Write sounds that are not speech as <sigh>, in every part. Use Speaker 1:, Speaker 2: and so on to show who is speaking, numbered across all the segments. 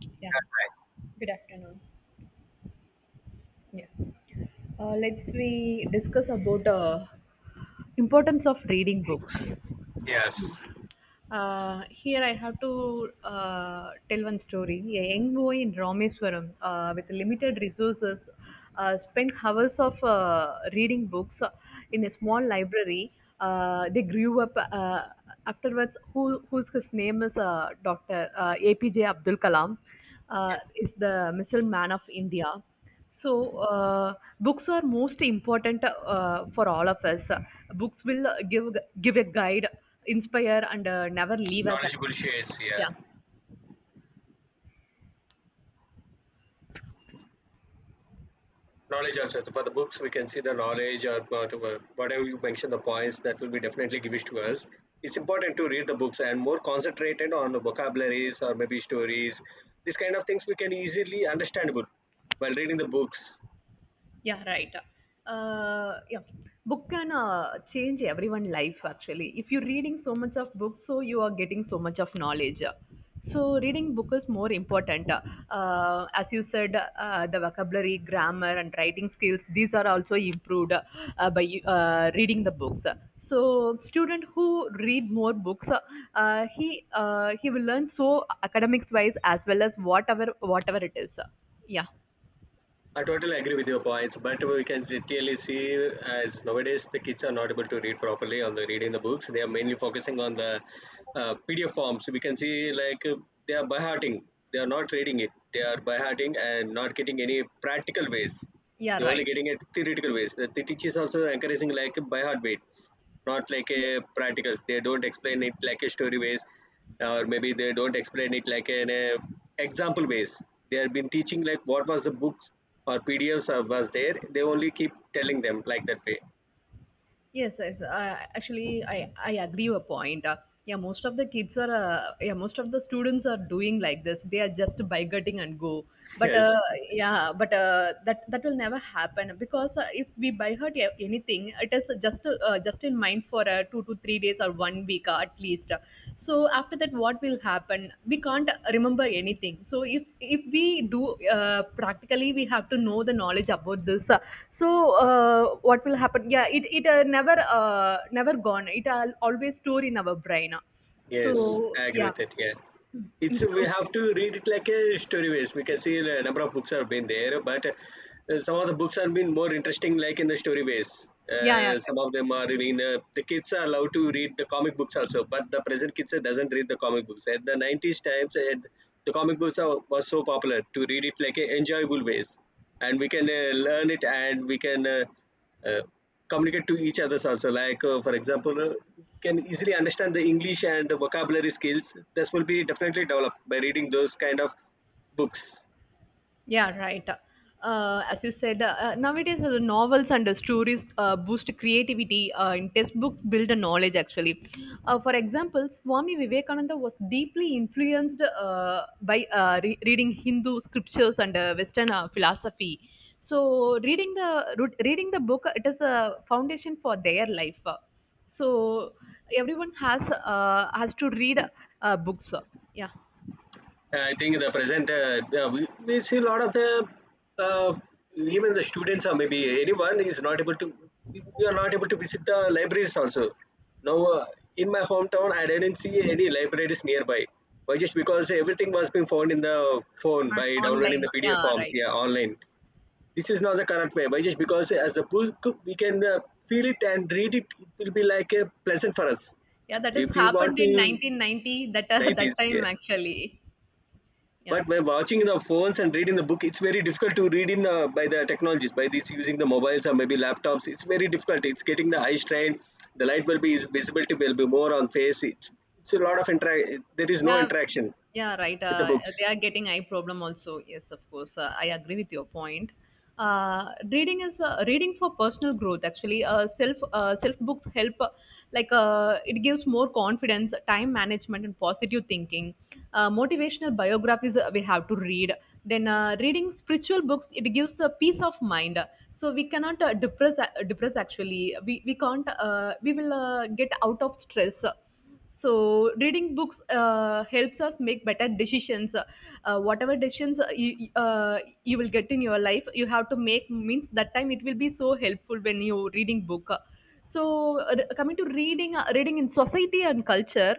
Speaker 1: Yeah. Good afternoon. Yeah. Let's we discuss about importance of reading books.
Speaker 2: Yes,
Speaker 1: Here I have to tell one story. A young boy in Rameswaram with limited resources spent hours of reading books in a small library. They grew up afterwards. Who's his name is Dr. APJ Abdul Kalam
Speaker 2: yeah.
Speaker 1: is the missile man of India. So, books are most important for all of us. Books will give a guide, inspire, and never leave us.
Speaker 2: Knowledgeable
Speaker 1: Actually,
Speaker 2: shades. Yeah,
Speaker 1: yeah.
Speaker 2: knowledge also. So for the books we can see the knowledge, or whatever you mentioned, the points that will be definitely given to us. It's important to read the books and more concentrated on the vocabularies or maybe stories. These kind of things we can easily understandable while reading the books.
Speaker 1: Yeah, right. Yeah, book can change everyone's life actually. If you're reading so much of books, so you are getting so much of knowledge. So reading book is more important. As you said, the vocabulary, grammar, and writing skills these are also improved by reading the books. So student who read more books, he will learn so academics wise as well as whatever it is. Yeah,
Speaker 2: I totally agree with your points, but we can clearly see as nowadays the kids are not able to read properly on the reading the books. They are mainly focusing on the PDF forms. We can see like they are by hearting. They are not reading it. They are by hearting and not getting any practical ways.
Speaker 1: yeah,
Speaker 2: They're only
Speaker 1: right.
Speaker 2: getting it theoretical ways. The teachers also encouraging like by heart weights, not like a practicals. They don't explain it like a story ways, or maybe they don't explain it like an example ways. They have been teaching like what was the books or PDFs or was there. They only keep telling them like that way.
Speaker 1: Yes, yes. Actually, I agree your point. Yeah, most of the students are doing like this. They are just bigoting and go.
Speaker 2: <laughs>
Speaker 1: But uh,
Speaker 2: Yes.
Speaker 1: yeah, but that will never happen because if we buy her anything, it is just in mind for 2 to 3 days or one week at least. So after that, what will happen? We can't remember anything. So if we do practically, we have to know the knowledge about this. So what will happen? Yeah, it never gone. It al always stored in our brain.
Speaker 2: Yes,
Speaker 1: So
Speaker 2: I agree
Speaker 1: yeah,
Speaker 2: with it. Yeah. It's we
Speaker 1: so
Speaker 2: have to read it like a story base. We can see a number of books have been there, but some of the books have been more interesting, like in the story base.
Speaker 1: yeah, yeah. right.
Speaker 2: Some of them are even the kids are allowed to read the comic books also, but the present kids doesn't read the comic books. At the 90s times, the comic books are, was so popular to read it like a enjoyable ways, and we can learn it and we can uh, communicate to each others also, like for example, can easily understand the English and vocabulary skills. This will be definitely developed by reading those kind of books.
Speaker 1: Yeah, right. As you said, nowadays the novels and the stories boost creativity. In textbooks, build the knowledge actually. For example, Swami Vivekananda was deeply influenced by reading Hindu scriptures and Western philosophy. So, reading the book, it is a foundation for their life. So, everyone has to read books. Yeah,
Speaker 2: I think the present we see a lot of the uh, even the students or maybe anyone is not able to we are not able to visit the libraries also now. In my hometown, I didn't see any libraries nearby. Why? Just because everything was being found in the phone by downloading
Speaker 1: online.
Speaker 2: the PDF
Speaker 1: Yeah,
Speaker 2: forms,
Speaker 1: right.
Speaker 2: yeah, online. This is not the correct way. Why? Just because as a book we can feel it and read it, it will be like a pleasant for us.
Speaker 1: Yeah, that has
Speaker 2: If you want
Speaker 1: happened
Speaker 2: to.
Speaker 1: in 1990, that <laughs>
Speaker 2: Right, it
Speaker 1: that
Speaker 2: is.
Speaker 1: time
Speaker 2: Yeah.
Speaker 1: actually. Yeah.
Speaker 2: But by watching the phones and reading the book, it's very difficult to read in the by the technologies, by this using the mobiles or maybe laptops. It's very difficult, it's getting the eye strain. The light will be, visibility will be more on face. It's a lot of interact, there is no
Speaker 1: Yeah,
Speaker 2: interaction
Speaker 1: yeah, right.
Speaker 2: with the books.
Speaker 1: They are getting eye problem also. Yes, of course. I agree with your point. Reading for personal growth. Actually, self books help. Like it gives more confidence, time management, and positive thinking. Motivational biographies we have to read. Then reading spiritual books it gives the peace of mind. So we cannot depress actually. We can't. We will get out of stress. So reading books helps us make better decisions, whatever decisions you will get in your life you have to make means that time it will be so helpful when you reading book. So coming to reading in society and culture,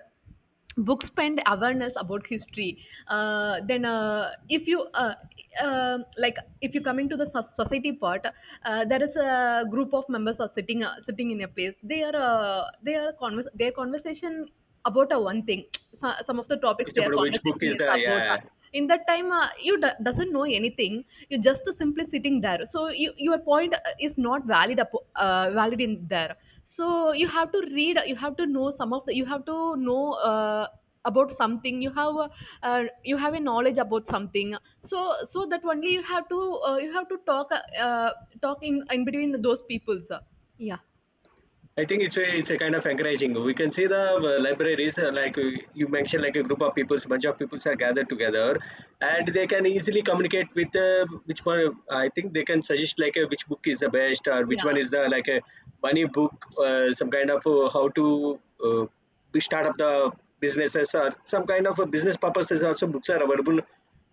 Speaker 1: books spend awareness about history. Then if you like if you come into the society part, there is a group of members are sitting in a place, their conversation about a one thing. So, some of the topics
Speaker 2: It's
Speaker 1: they are
Speaker 2: about which book
Speaker 1: conversing
Speaker 2: is
Speaker 1: is
Speaker 2: the.
Speaker 1: about
Speaker 2: Yeah.
Speaker 1: in that time, doesn't know anything. You're just simply sitting there so your point is not valid in there. So you have to read, you have to know some of the, you have to know about something. You have a knowledge about something. So that only you have to talk talk in between those peoples. Yeah.
Speaker 2: I think it's a kind of encouraging. We can see the libraries, like you mentioned, like a group of peoples, bunch of peoples are gathered together, and they can easily communicate with which one. I think they can suggest like which book is the best or which
Speaker 1: Yeah.
Speaker 2: one is the, like a money book, some kind of how to uh, start up the businesses or some kind of business purposes. Also, books are available.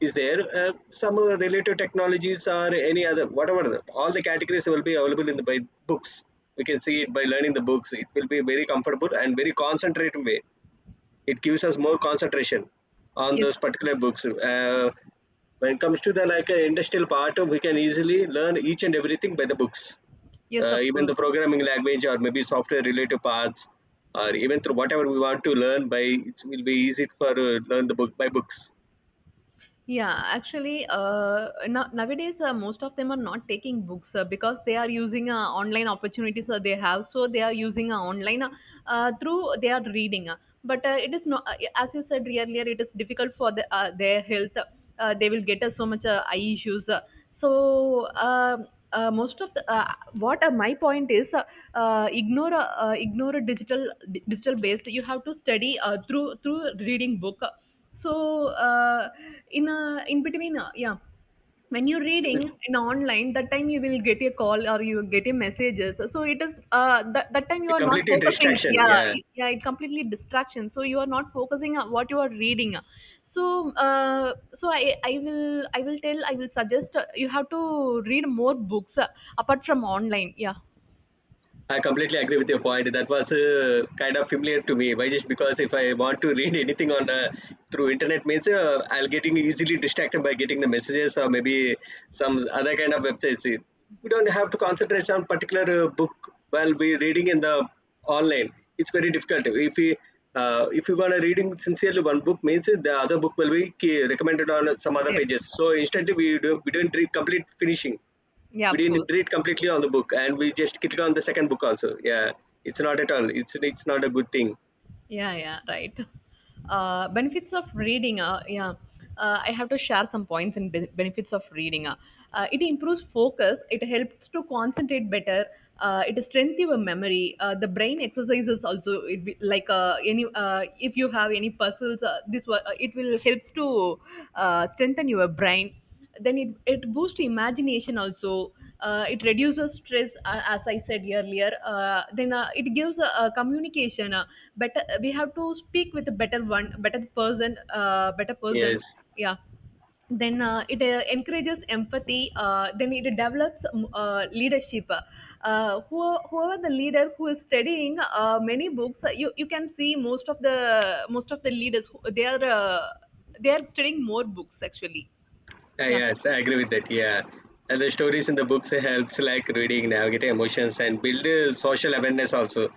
Speaker 2: Is there some related technologies or any other whatever the, all the categories will be available in the by books. We can see it by learning the books, it will be very comfortable and very concentrated way. It gives us more concentration on
Speaker 1: Yes,
Speaker 2: those
Speaker 1: of
Speaker 2: particular
Speaker 1: course.
Speaker 2: books. When it comes to the like industrial part, we can easily learn each and everything by the books,
Speaker 1: Yes, of
Speaker 2: even the
Speaker 1: course.
Speaker 2: programming language or maybe software related parts, or even through whatever we want to learn by, it will be easy for learn the book by books.
Speaker 1: Yeah, actually, nowadays most of them are not taking books because they are using online opportunities they have. So they are using online, through they are reading. But it is not, yeah, as you said earlier, it is difficult for their health. They will get so much eye issues. So uh, most of the what My point is, ignore, ignore digital based. You have to study through reading book so in a in between, yeah, when you're
Speaker 2: It
Speaker 1: reading
Speaker 2: will
Speaker 1: in online that time you will get a call or you get a messages, so it is that time you
Speaker 2: be a
Speaker 1: are not
Speaker 2: completely
Speaker 1: focusing,
Speaker 2: distraction,
Speaker 1: yeah,
Speaker 2: yeah.
Speaker 1: it completely distraction, so you are not focusing on what you are reading. So I will suggest, you have to read more books apart from online. Yeah.
Speaker 2: I completely agree with your point. That was kind of familiar to me. Why? Just because if I want to read anything on through internet means, I'll getting easily distracted by getting the messages or maybe some other kind of websites. We don't have to concentrate on particular book while we reading in the online. It's very difficult. If you want to reading sincerely one book means the other book will be key, recommended on some other
Speaker 1: Yeah,
Speaker 2: pages. So instantly we don't read complete finishing,
Speaker 1: yeah,
Speaker 2: we
Speaker 1: of
Speaker 2: didn't
Speaker 1: course.
Speaker 2: read completely all the book and we just clicked on the second book also, yeah. It's not at all, it's not a good thing.
Speaker 1: Yeah, yeah, right. Benefits of reading. Yeah. I have to share some points and benefits of reading. It improves focus. It helps to concentrate better. It strengthens your memory. The brain exercises also, like any if you have any puzzles, it will helps to strengthen your brain. Then it boosts imagination also. It reduces stress, as I said earlier. Then it gives a communication, better. We have to speak with a better one, better person, better person.
Speaker 2: Yes.
Speaker 1: Yeah. Then it encourages empathy. Then it develops leadership. Whoever the leader who is studying many books, you can see most of the leaders they are studying more books actually. Yeah.
Speaker 2: Yes, I agree with that. Yeah, and the stories in the books helps like reading, navigate emotions, and build social awareness also.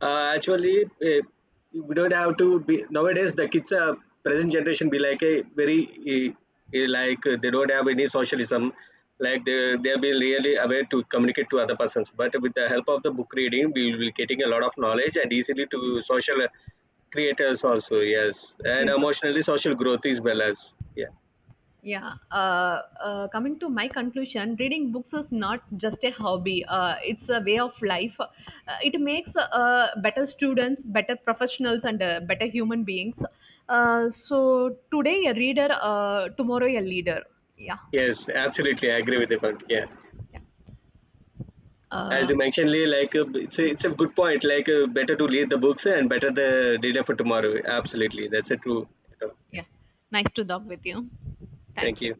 Speaker 2: Actually, we don't have to be nowadays. The kids, present generation, be like a very like they don't have any socialism. Like they'll be really aware to communicate to other persons. But with the help of the book reading, we will be getting a lot of knowledge and easily to social creators also. Yes, and
Speaker 1: Yes, sir.
Speaker 2: emotionally social growth is well as. Yeah.
Speaker 1: Yeah, coming to my conclusion, reading books is not just a hobby, it's a way of life. It makes better students, better professionals, and better human beings. So, today a reader, tomorrow a leader. Yeah,
Speaker 2: Yes, absolutely. I agree with the point. Yeah,
Speaker 1: yeah.
Speaker 2: as
Speaker 1: Uh,
Speaker 2: you mentioned, Lee, like it's a good point. Like better to leave the books and better the data for tomorrow. Absolutely, that's a true. Yeah.
Speaker 1: yeah. Nice to talk with you.
Speaker 2: Thank
Speaker 1: Thank you.
Speaker 2: you.